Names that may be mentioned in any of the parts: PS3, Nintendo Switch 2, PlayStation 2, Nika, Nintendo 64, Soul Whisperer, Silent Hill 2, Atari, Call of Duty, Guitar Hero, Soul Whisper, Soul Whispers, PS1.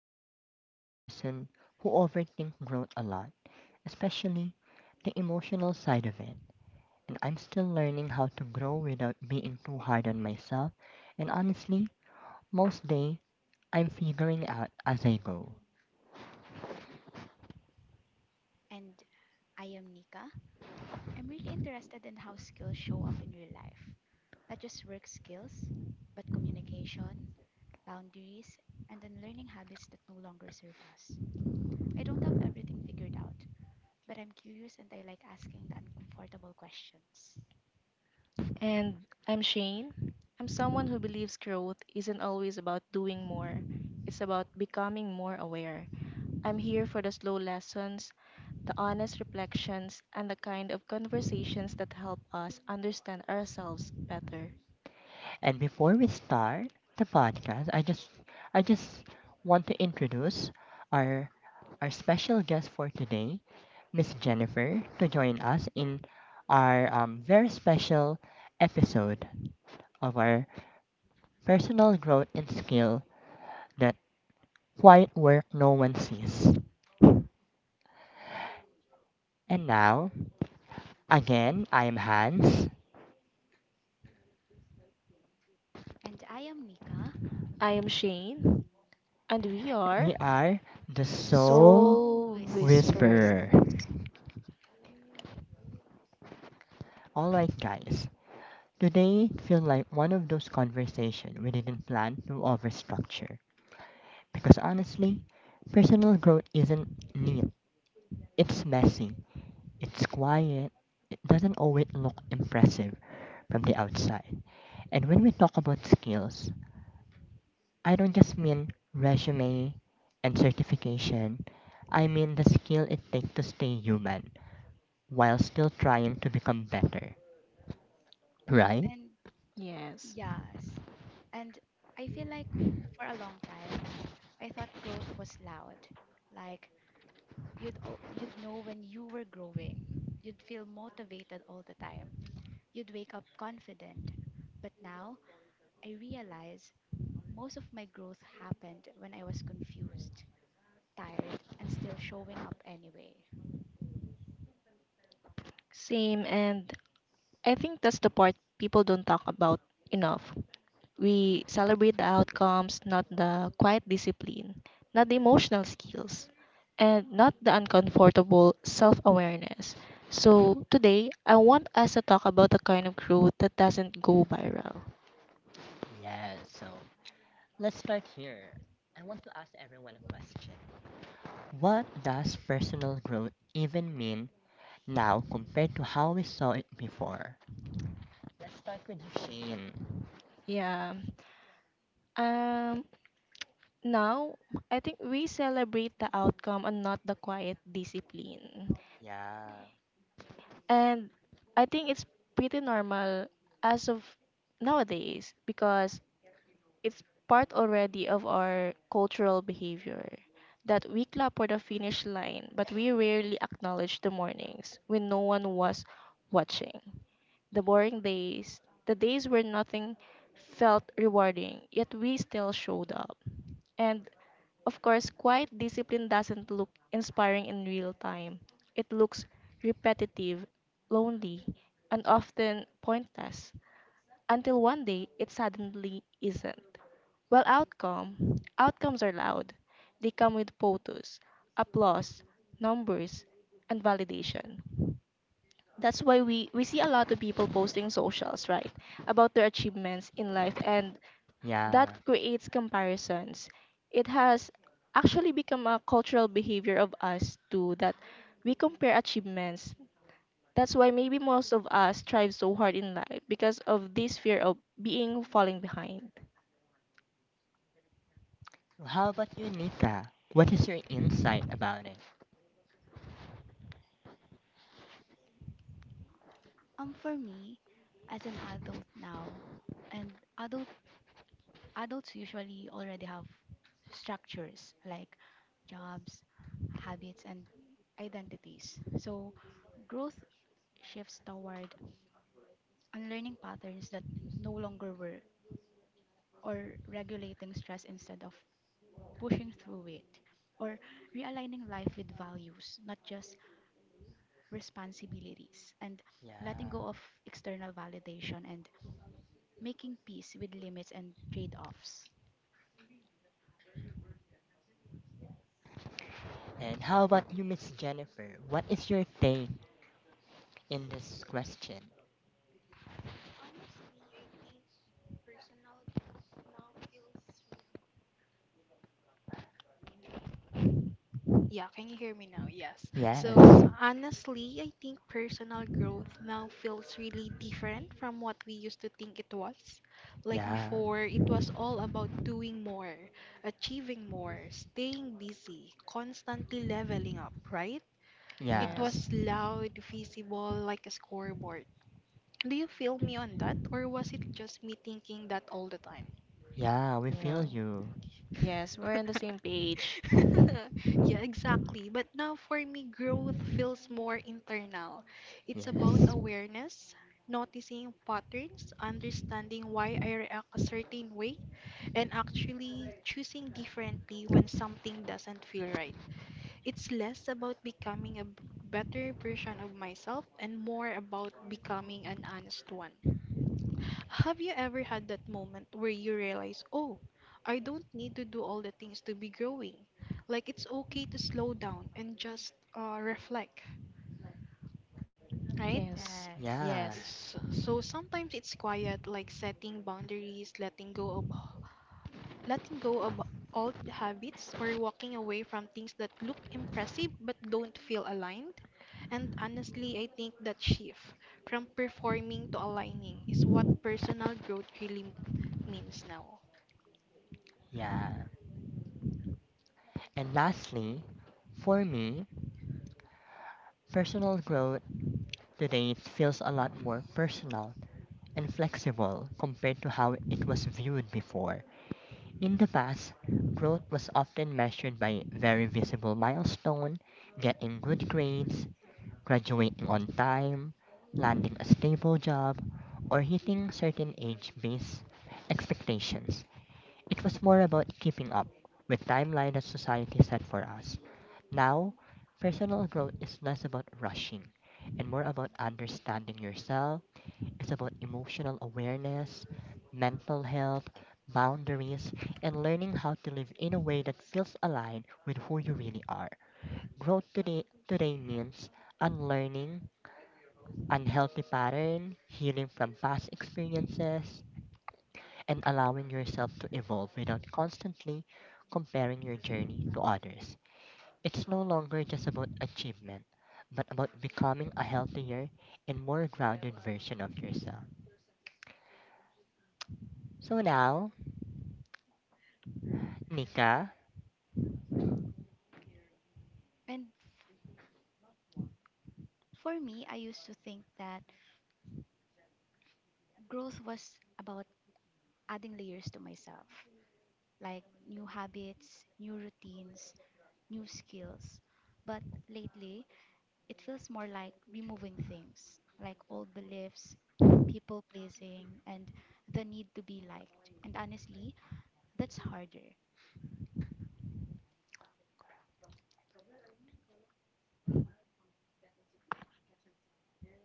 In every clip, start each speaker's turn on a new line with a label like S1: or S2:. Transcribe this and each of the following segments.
S1: and I am the kind of person who overthinks growth a lot, especially the emotional side of it. And I'm still learning how to grow without being too hard on myself, and honestly, most day I'm figuring out as I go.
S2: And I am Nika. I'm really interested in how skills show up in real life. Not just work skills, but communication, boundaries, and unlearning habits that no longer serve us. I don't have everything figured out, but I'm curious and I like asking the uncomfortable questions.
S3: And I'm Shane. I'm someone who believes growth isn't always about doing more, it's about becoming more aware. I'm here for the slow lessons, the honest reflections, and the kind of conversations that help us understand ourselves better.
S1: And before we start the podcast, I just want to introduce our our special guest for today, Miss Jennifer, to join us in our very special episode of our personal growth and skill that quiet work no one sees. And now, again, I am Hans.
S2: And I am Nika,
S3: I am Shane, and we are
S1: We are the Soul
S2: Soul
S3: Soul
S2: Whispers.
S3: Whisper.
S1: Whisperer. Alright, guys. Today feel like one of those conversations we didn't plan to overstructure. Because honestly, personal growth isn't neat. It's messy. It's quiet. It doesn't always look impressive from the outside. And when we talk about skills, I don't just mean resume and certification. I mean the skill it takes to stay human while still trying to become better. Right?
S2: And
S3: Yes,
S2: yes, and I feel like for a long time, I thought growth was loud, like you'd know when you were growing. You'd feel motivated all the time. You'd wake up confident. But now I realize most of my growth happened when I was confused, tired, and still showing up anyway.
S3: same. And I think that's the part people don't talk about enough. We celebrate the outcomes, not the quiet discipline, not the emotional skills, and not the uncomfortable self awareness. So today, I want us to talk about the kind of growth that doesn't go viral.
S1: Yeah, so let's start here. I want to ask everyone a question. What does personal growth even mean now compared to how we saw it before? Let's start with you, Shane.
S3: Yeah. Um Now I think we celebrate the outcome and not the quiet discipline.
S1: Yeah.
S3: And I think it's pretty normal as of nowadays because it's part already of our cultural behavior that we clap for the finish line, but we rarely acknowledge the mornings when no one was watching. The boring days, the days where nothing felt rewarding, yet we still showed up. And of course, quiet discipline doesn't look inspiring in real time. It looks repetitive, lonely, and often pointless until one day it suddenly isn't. Well, outcome. Outcomes are loud. They come with photos, applause, numbers, and validation. That's why we see a lot of people posting socials, right? About their achievements in life, and
S1: Yeah.
S3: that creates comparisons. It has actually become a cultural behavior of us too that we compare achievements. That's why maybe most of us strive so hard in life because of this fear of being falling behind.
S1: How about you, Nika? What is your insight about it?
S2: For me, as an adult now, and adult adults usually already have structures like jobs, habits and identities. So growth shifts toward unlearning patterns that no longer work, or regulating stress instead of pushing through it, or realigning life with values, not just responsibilities, and letting
S1: Yeah.
S2: go of external validation and making peace with limits and trade offs.
S1: And how about you, Miss Jennifer? What is your take in this question?
S4: Yeah, can you hear me now? Yes.
S1: Yes.
S4: So, honestly, I think personal growth now feels really different from what we used to think it was. Like
S1: Yeah.
S4: before, it was all about doing more, achieving more, staying busy, constantly leveling up, right? It
S1: Yeah.
S3: Yes.
S4: was loud, visible, like a scoreboard. Do you feel me on that, or was it just me thinking that all the time?
S1: Yeah, we feel
S3: Yeah.
S1: you.
S3: Yes, we're on the same page.
S4: Yeah, exactly. But now for me, growth feels more internal. It's about
S1: Yes.
S4: awareness, noticing patterns, understanding why I react a certain way, and actually choosing differently when something doesn't feel right. It's less about becoming better version of myself and more about becoming an honest one. Have you ever had that moment where you realize, oh, I don't need to do all the things to be growing? Like it's okay to slow
S2: Mhm.
S4: down and just reflect, right?
S3: Yes,
S2: Yes.
S1: Yeah.
S3: yes.
S4: So sometimes it's quiet, like setting boundaries, letting go of old habits, or walking away from things that look impressive but don't feel aligned. And honestly, I think that shift from performing to aligning is what personal growth really means now.
S1: Yeah. And lastly, for me, personal growth today feels a lot more personal and flexible compared to how it was viewed before. In the past, growth was often measured by very visible milestone, getting good grades, graduating on time, landing a stable job, or hitting certain age-based expectations. It was more about keeping up with timeline that society set for us. Now, personal growth is less about rushing and more about understanding yourself. It's about emotional awareness, mental health, boundaries, and learning how to live in a way that feels aligned with who you really are. Growth today means unlearning unhealthy pattern, healing from past experiences, and allowing yourself to evolve without constantly comparing your journey to others. It's no longer just about achievement, but about becoming a healthier and more grounded version of yourself. So now, Nika,
S2: And f- for me, I used to think that growth was about adding layers to myself, like new habits, new routines, new skills. But lately, it feels more like removing things like old beliefs, people pleasing, and the need to be liked. And honestly, that's harder.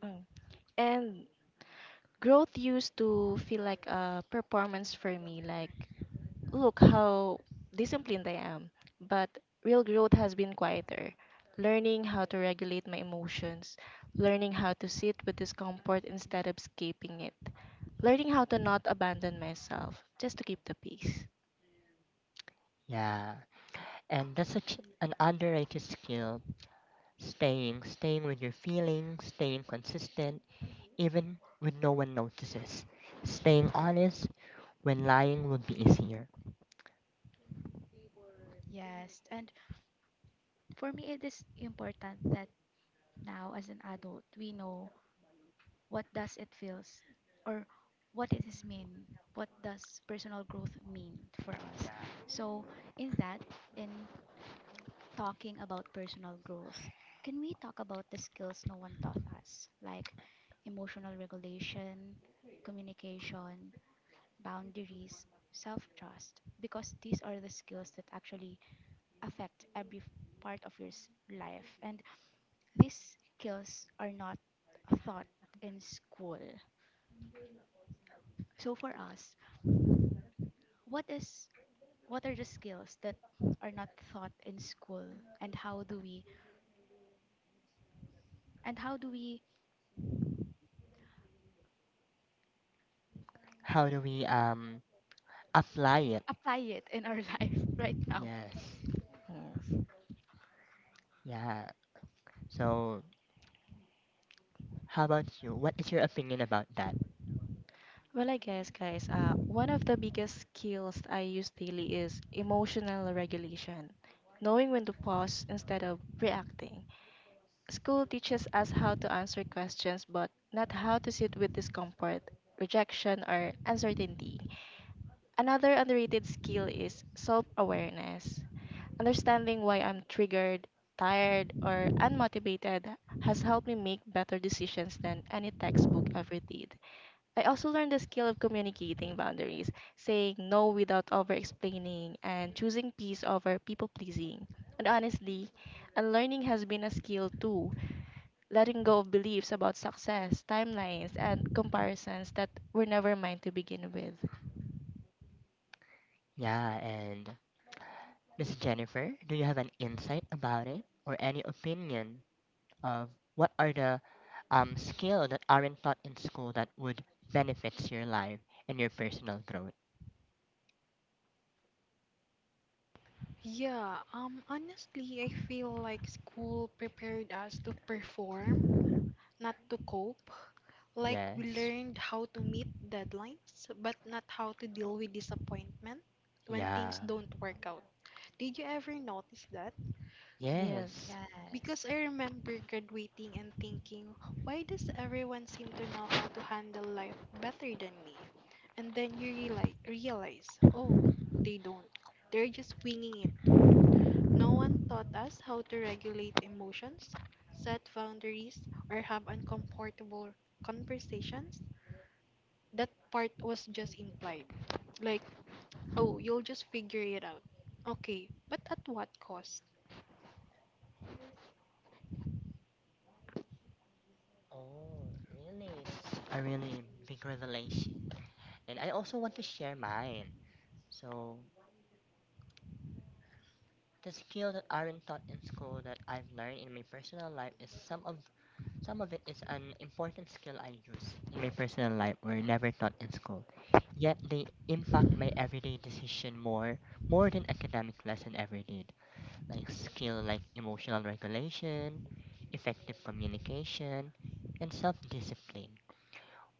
S3: Mm. And growth used to feel like a performance for me, like, look how disciplined I am. But real growth has been quieter. Learning how to regulate my emotions, learning how to sit with discomfort instead of escaping it, learning how to not abandon myself just to keep the peace.
S1: yeah, and that's such an underrated skill. Staying with your feelings, staying consistent, even when no one notices. Staying honest when lying would be easier.
S2: Yes. And for me, it is important that now, as an adult, we know what does it feels or what it is mean. What does personal growth mean for us? So, in that, in talking about personal growth, can we talk about the skills no one taught us, like emotional regulation, communication, boundaries, self trust? Because these are the skills that actually affect every part of your life. And these skills are not taught in school. So for us, what is what are the skills that are not taught in school and how do we
S1: How do we apply it?
S2: apply it in our life right now.
S1: Yes.
S3: Yes.
S1: Yeah. So, how about you? What is your opinion about that?
S3: Well, I guess, guys, one of the biggest skills I use daily is emotional regulation, knowing when to pause instead of reacting. School teaches us how to answer questions, but not how to sit with discomfort, rejection, or uncertainty. Another underrated skill is self awareness. Understanding why I'm triggered, tired, or unmotivated has helped me make better decisions than any textbook ever did. I also learned the skill of communicating boundaries, saying no without over explaining, and choosing peace over people pleasing. And honestly, unlearning has been a skill too, letting go of beliefs about success, timelines, and comparisons that were never mine to begin with.
S1: Yeah, and Miss Jennifer, do you have an insight about it or any opinion of what are the skill that aren't taught in school that would benefits your life and your personal growth.
S4: Yeah, Honestly, I feel like school prepared us to perform, not to cope. Like we
S1: Yes.
S4: learned how to meet deadlines, but not how to deal with disappointment when
S1: Yeah.
S4: things don't work out. Did you ever notice that?
S3: Yes,
S1: Yes.
S4: Because
S2: Yes.
S4: I remember graduating and thinking, why does everyone seem to know how to handle life better than me? And then you realize, oh, they don't. They're just winging it too. No one taught us how to regulate emotions, set boundaries, or have uncomfortable conversations. That part was just implied. Like, oh, you'll just figure it out. Okay, but at what cost?
S1: Oh, really? That's a really big revelation. And I also want to share mine. So, the skill that aren't taught in school that I've learned in my personal life is some of Some of it is an important skill I use in my personal life were never taught in school. Yet they impact my everyday decision more than academic lesson ever did. Like skill like emotional regulation, effective communication, and self-discipline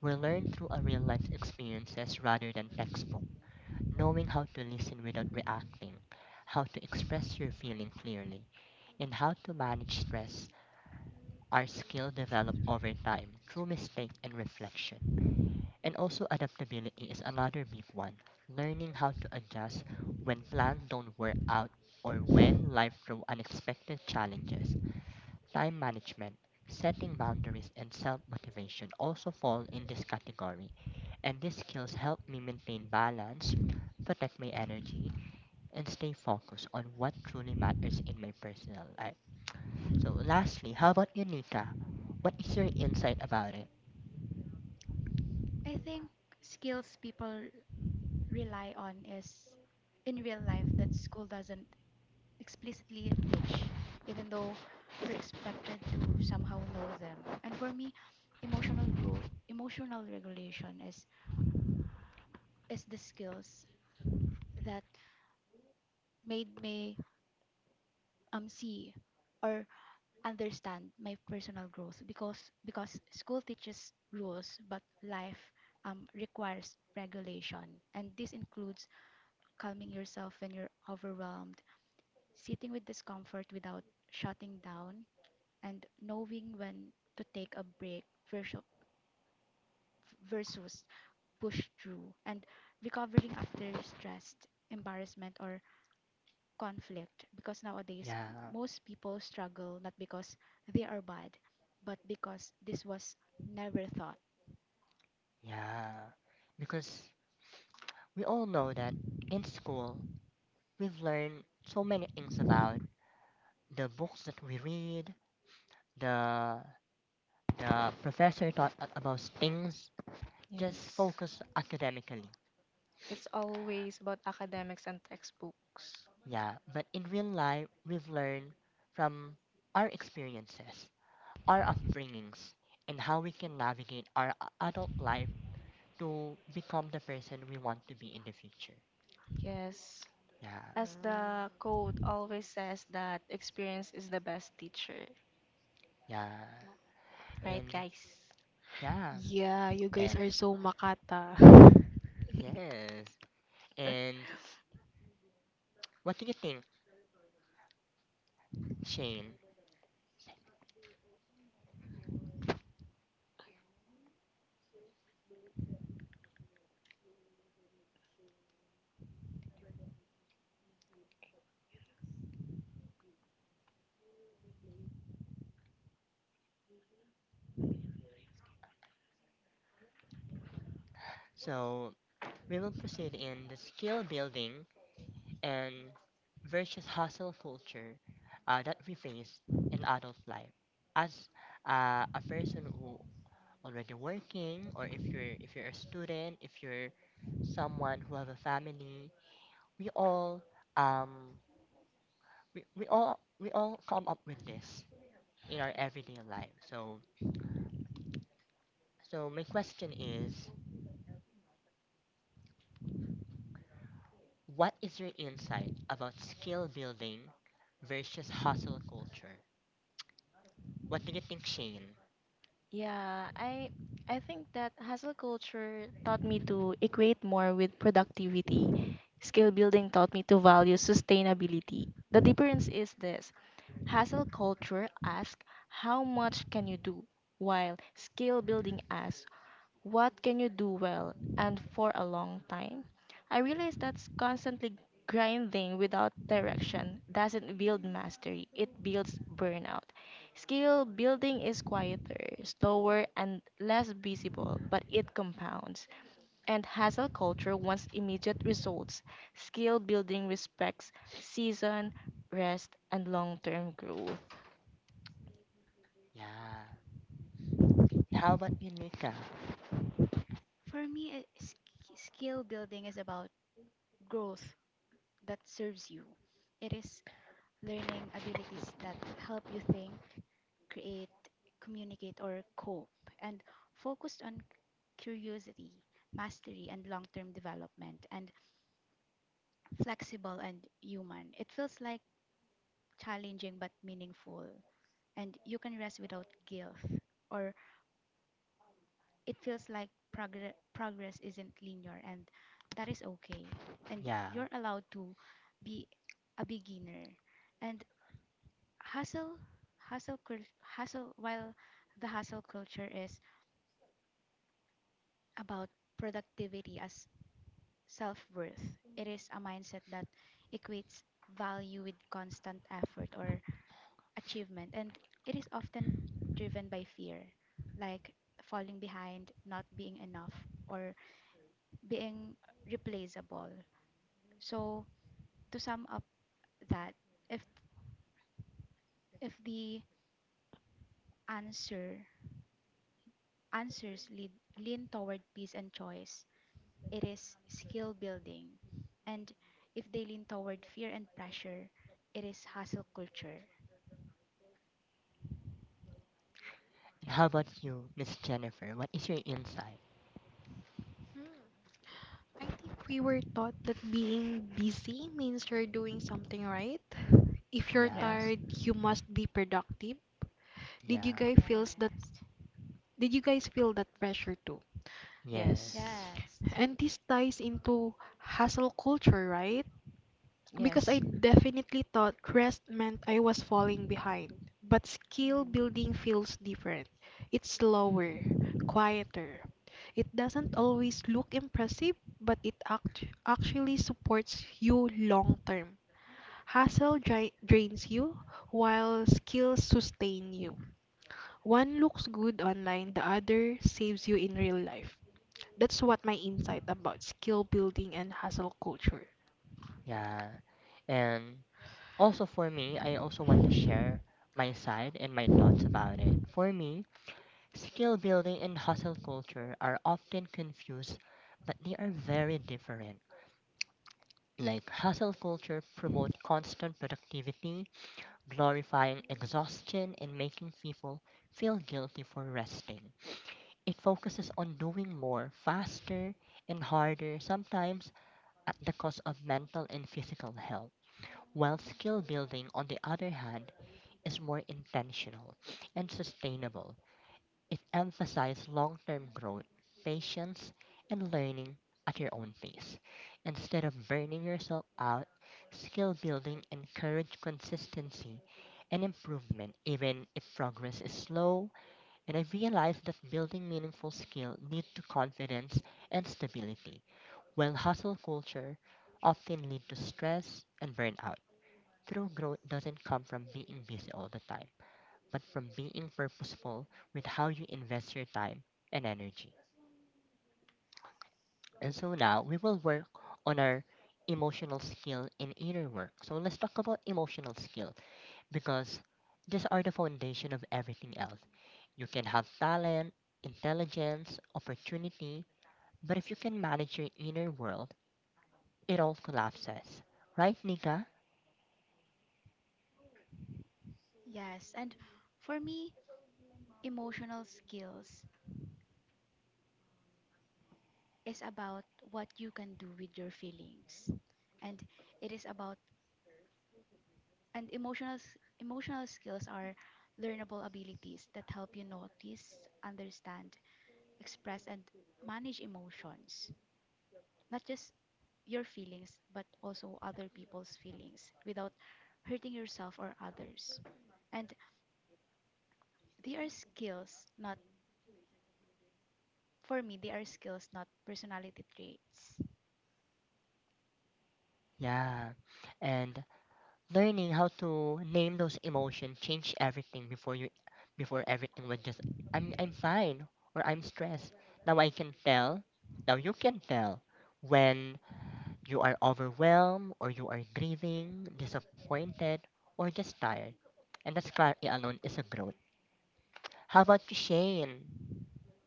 S1: were learned through our real life experiences rather than textbook. Knowing how to listen without reacting, how to express your feeling clearly, and how to manage stress our skill develop over time through mistake and reflection. And also adaptability is another big one. Learning how to adjust when plans don't work out or when life throws unexpected challenges. Time management, setting boundaries and self-motivation also fall in this category. And these skills help me maintain balance, protect my energy, and stay focused on what truly matters in my personal life. So lastly, how about you, Nika? What is your insight about it?
S2: I think skills people rely on is in real life that school doesn't explicitly teach, even though we're expected to somehow know them. And for me, emotional growth, emotional regulation is the skills that made me see or understand my personal growth because school teaches rules but life requires regulation and this includes calming yourself when you're overwhelmed, sitting with discomfort without shutting down, and knowing when to take a break versus, versus push through, and recovering after stress, embarrassment, or conflict. Because nowadays,
S1: Yeah,
S2: most people struggle not because they are bad, but because this was never thought.
S1: yeah. Because we all know that in school, we've learned so many things about the books that we read, the the professor taught us about things, just
S3: yes.
S1: focus academically.
S3: It's always about academics and textbooks.
S1: Yeah, but in real life, we've learned from our experiences, our upbringings, and how we can navigate our adult life to become the person we want to be in the future.
S3: Yes,
S1: Yeah,
S3: as the quote always says, that experience is the best teacher,
S1: yeah,
S3: right
S1: and
S3: guys?
S1: yeah,
S4: Yeah, you guys
S1: and
S4: are so makata.
S1: yes, and what do you think, Shane? So we will proceed in the skill building and versus hustle culture that we face in adult life. As a person who already working, or if you're a student, if you're someone who have a family, we all um come up with this in our everyday life. So my question is, what is your insight about skill building versus hustle culture? What do you think, Shane?
S3: Yeah, I think that hustle culture taught me to equate more with productivity. Skill building taught me to value sustainability. The difference is this. Hustle culture asks how much can you do, while skill building asks what can you do well and for a long time? I realize that's constantly grinding without direction doesn't build mastery, it builds burnout. Skill building is quieter, slower, and less visible, but it compounds. And hustle culture wants immediate results. Skill building respects season, rest, and long term growth.
S1: Yeah. How about you, Nika?
S2: For me, skill building is about growth that serves you. It is learning abilities that help you think, create, communicate, or cope, and focused on curiosity, mastery, and long term development, and flexible and human. It feels like challenging but meaningful, and you can rest without guilt, or it feels like progress isn't linear, and that is okay. And
S1: Yeah.
S2: you're allowed to be a beginner. And hustle hustle cul- hustle while the hustle culture is about productivity as self-worth. It is a mindset that equates value with constant effort or achievement, and it is often driven by fear, like falling behind, not being enough, or being replaceable. So to sum up that, if if the answer answers lead, lean toward peace and choice, it is skill building. And if they lean toward fear and pressure, it is hustle culture.
S1: And how about you, Miss Jennifer? What is your insight?
S4: Hmm, I think we were taught that being busy means you're doing something right. If you're
S1: Yeah.
S3: Yes,
S4: tired, you must be productive. Did you
S1: Yeah.
S4: guys feels that
S2: Yes.
S4: did you guys feel that pressure too?
S3: yes,
S1: Yes.
S2: Yes.
S4: And this ties into hustle culture, right? Because I
S3: yes.
S4: definitely thought rest meant I was falling behind. But skill
S2: Mm.
S4: building feels different. It's slower, quieter. It doesn't always look impressive, but it actually supports you long term. Drains you, while skills sustain you. One looks good online, the other saves you in real life. That's what my insight about skill building and hustle culture.
S1: Yeah. And also for me, I also want to share my side and my thoughts about it. For me, skill building and hustle culture are often confused, but they are very different. Like hustle culture promote constant productivity, glorifying exhaustion and making people feel guilty for resting. It focuses on doing more faster and harder, sometimes at the cost of mental and physical health. While skill building, on the other hand, is more intentional and sustainable. It emphasized long term growth, patience, and learning at your own pace. Instead of burning yourself out, skill building encouraged consistency and improvement, even if progress is slow. And I realized that building meaningful skill leads to confidence and stability, while hustle culture often leads to stress and burnout. True growth doesn't come from being busy all the time but from being purposeful with how you invest your time and energy. And so now we will work on our emotional skill and inner work. So let's talk about emotional skill because these are the foundation of everything else. You can have talent, intelligence, opportunity, but if you can manage your inner world, it all collapses. Right, Nika?
S2: Yes. And for me, emotional skills is about what you can do with your feelings. And it is about and Emotional emotional skills are learnable abilities that help you notice, understand, express and manage emotions. Not just your feelings, but also other people's feelings without hurting yourself or others. And they are skills, not for me, they are skills, not personality traits.
S1: Yeah. And learning how to name those emotions changed everything. Before everything was just I'm fine, or I'm stressed. Now I can tell, now you can tell when you are overwhelmed, or you are grieving, disappointed, or just tired. And that's clarity alone is a growth. How about you, shane?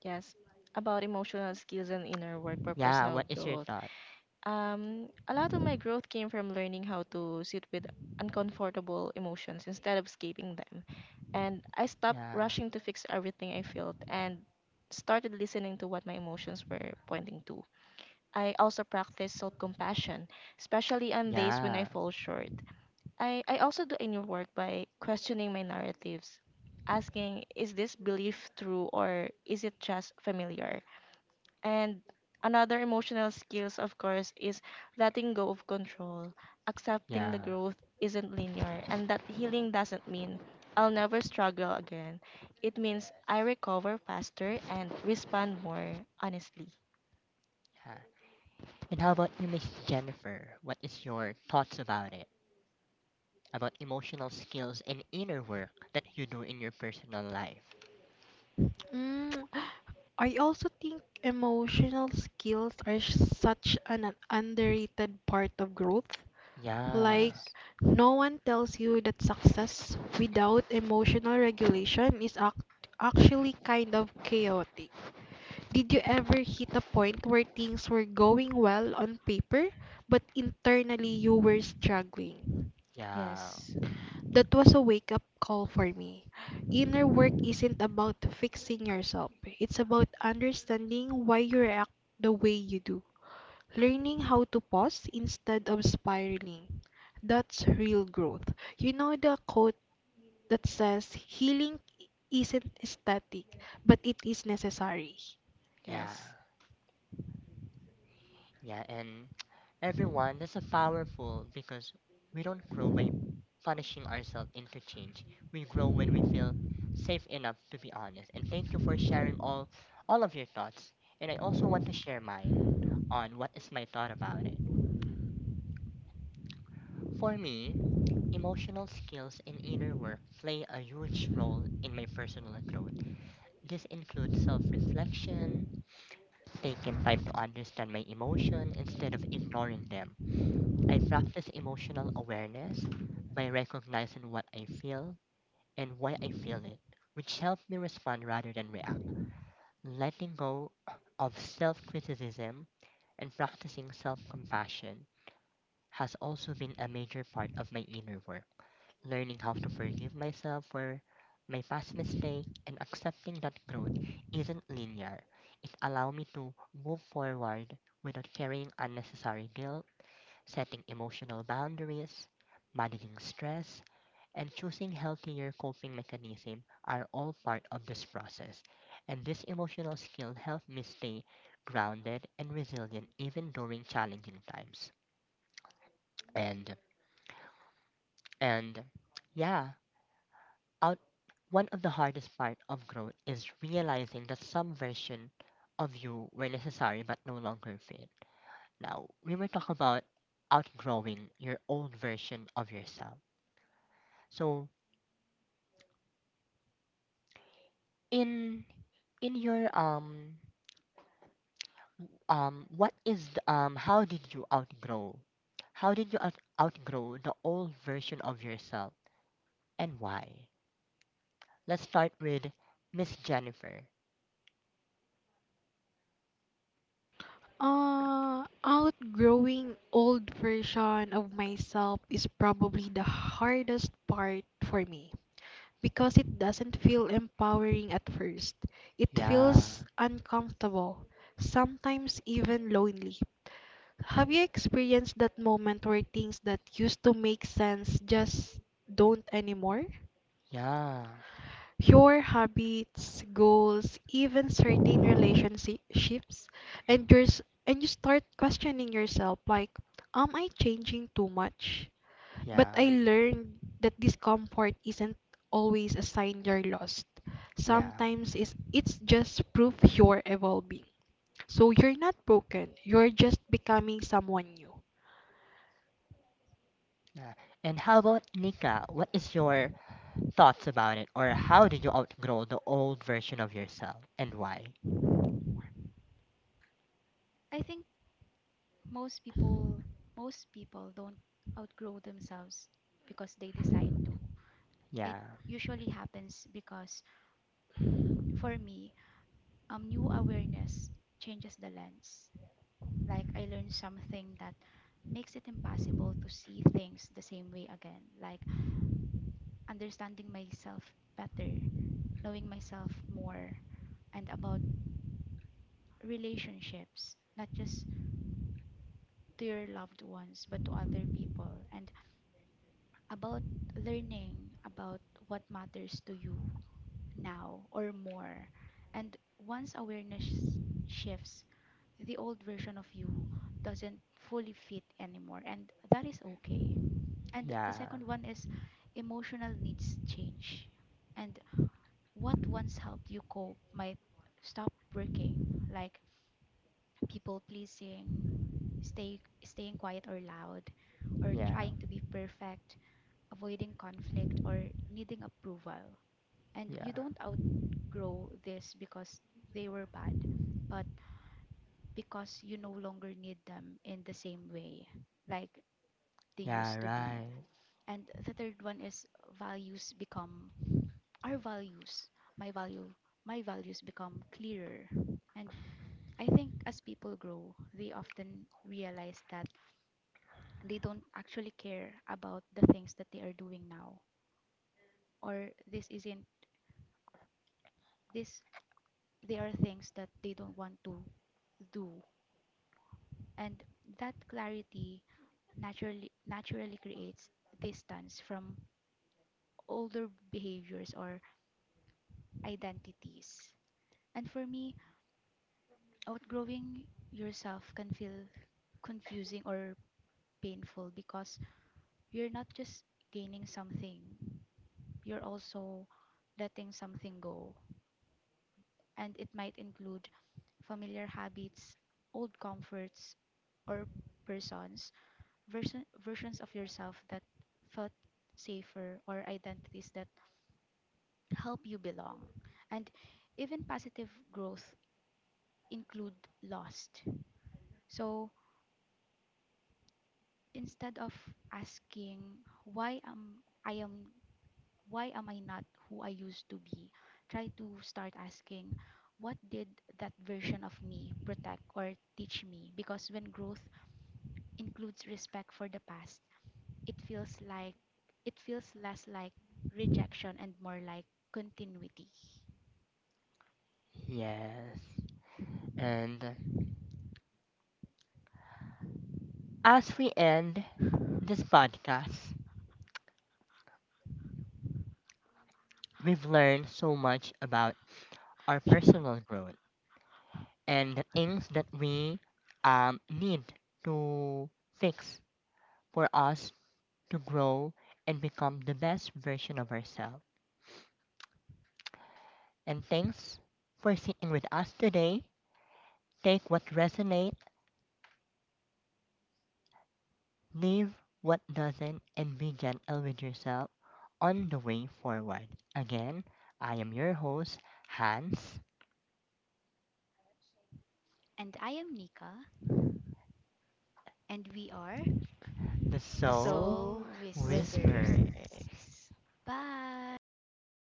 S3: Yes, about emotional skills and inner work for
S1: yeah,
S3: personal
S1: what is your
S3: growth.
S1: thought?
S3: A lot of my growth came from learning how to sit with uncomfortable emotions instead of escaping them. And I stopped
S1: Yeah,
S3: rushing to fix everything I felt and started listening to what my emotions were pointing to. I also practice self compassion, especially on days when I
S1: yeah,
S3: fall short. I also do inner work by questioning my narratives, asking, is this belief true or is it just familiar? And another emotional skills, of course, is letting go of control, accepting the
S1: yeah.
S3: growth isn't linear, and that healing doesn't mean I'll never struggle again. It means I
S1: Yes.
S3: recover faster and respond more honestly.
S1: Yeah. And how about you, miss jennifer, what is your thoughts about it, about emotional skills and inner work that you do in your personal life?
S4: Mm, I also think emotional skills are such an underrated part of growth.
S1: Yeah,
S4: Like,
S3: Yes.
S4: no one tells you that success without emotional regulation is ac actually kind of chaotic. Did you ever hit a point where things were going well on paper, but internally you were struggling?
S1: yeah,
S3: Yes,
S4: That was a wake up call for me. Inner work isn't about fixing yourself, it's about understanding why you react the way you do. Learning how to pause instead of spiraling. That's real growth. You know the quote that says healing isn't static, but it is necessary.
S1: yeah,
S3: yes.
S1: yeah. And everyone, that's a powerful because we don't grow by punishing ourselves into change. We grow when we feel safe enough to be honest. And thank you for sharing all of your thoughts. And I also want to share mine on what is my thought about it. For me, emotional skills and inner work play a huge role in my personal growth. This includes self reflection, taking time to understand my emotion instead of ignoring them. I practice emotional awareness by recognizing what I feel and why I feel it, which helps me respond rather than react. Letting go of self criticism and practicing self compassion has also been a major part of my inner work learning how to forgive myself for my past mistake and accepting that growth isn't linear. It allowed me to move forward without carrying unnecessary guilt, setting emotional boundaries, managing stress, and choosing healthier coping mechanisms are all part of this process. And this emotional skill helped me stay grounded and resilient even during challenging times. And and yeah, out one of the hardest part of growth is realizing that some version of you were necessary but no longer fit. Now, we were talking about outgrowing your old version of yourself. So, in in your what is the, how did you outgrow? How did you outgrow the old version of yourself and why? Let's start with Miss Jennifer.
S4: Outgrowing old version of myself is probably the hardest part for me, because it doesn't feel empowering at first. It
S1: Yeah.
S4: feels uncomfortable, sometimes even lonely. Have you experienced that moment where things that used to make sense just don't anymore?
S1: Yeah.
S4: Your habits, goals, even certain relationships, and yours, and you start questioning yourself like, am I changing too much? But
S1: Yeah.
S4: I learned that discomfort isn't always a sign you're lost.
S1: Yeah.
S4: Sometimes it's just proof you're evolving. So you're not broken, you're just becoming someone new.
S1: Yeah. And how about Nika? What is your thoughts about it, or how did you outgrow the old version of yourself, and why?
S2: I think most people most people don't outgrow themselves because they decide to. It
S1: Yeah,
S2: usually happens because for me, new awareness changes the lens. Like I learned something that makes it impossible to see things the same way again. Like understanding myself better, knowing myself more, and about relationships, not just to your loved ones, but to other people, and about learning about what matters to you now or more. And once awareness shifts, the old version of you doesn't fully fit anymore, and that is okay. And the
S1: yeah,
S2: second one is emotional needs change. And what once helped you cope might stop working, like people pleasing, stay staying quiet or loud, or
S1: yeah,
S2: trying to be perfect, avoiding conflict or needing approval. And you
S1: yeah,
S2: don't outgrow this because they were bad, but because you no longer need them in the same way like they
S1: yeah.
S2: used to be.
S1: Right.
S2: And the third one is values become our values. My value my values become clearer, and I think as people grow, they often realize that they don't actually care about the things that they are doing now, or this isn't this. they are things that they don't want to do, and that clarity naturally creates distance from older behaviors or identities. And for me, outgrowing yourself can feel confusing or painful because you're not just gaining something, you're also letting something go. And it might include familiar habits, old comforts, or persons, versions of yourself that felt safer, or identities that help you belong. And even positive growth include lost. So instead of asking why am I am why am I not who I used to be? Try to start asking, what did that version of me protect or teach me? Because when growth includes respect for the past, it feels like it feels less like rejection and more like continuity.
S1: Yes. And as we end this podcast, we've learned so much about our personal growth and the things that we need to fix for us to grow and become the best version of ourselves. And thanks for sitting with us today. Take what resonates, leave what doesn't, and be gentle with yourself on the way forward. Again, I am your host, Hans,
S2: And I am Nika, and we are
S1: the Soul
S3: Soul
S2: Soul Whispers.
S1: Whisperer.
S3: Whispers.
S2: Bye.
S3: Bye.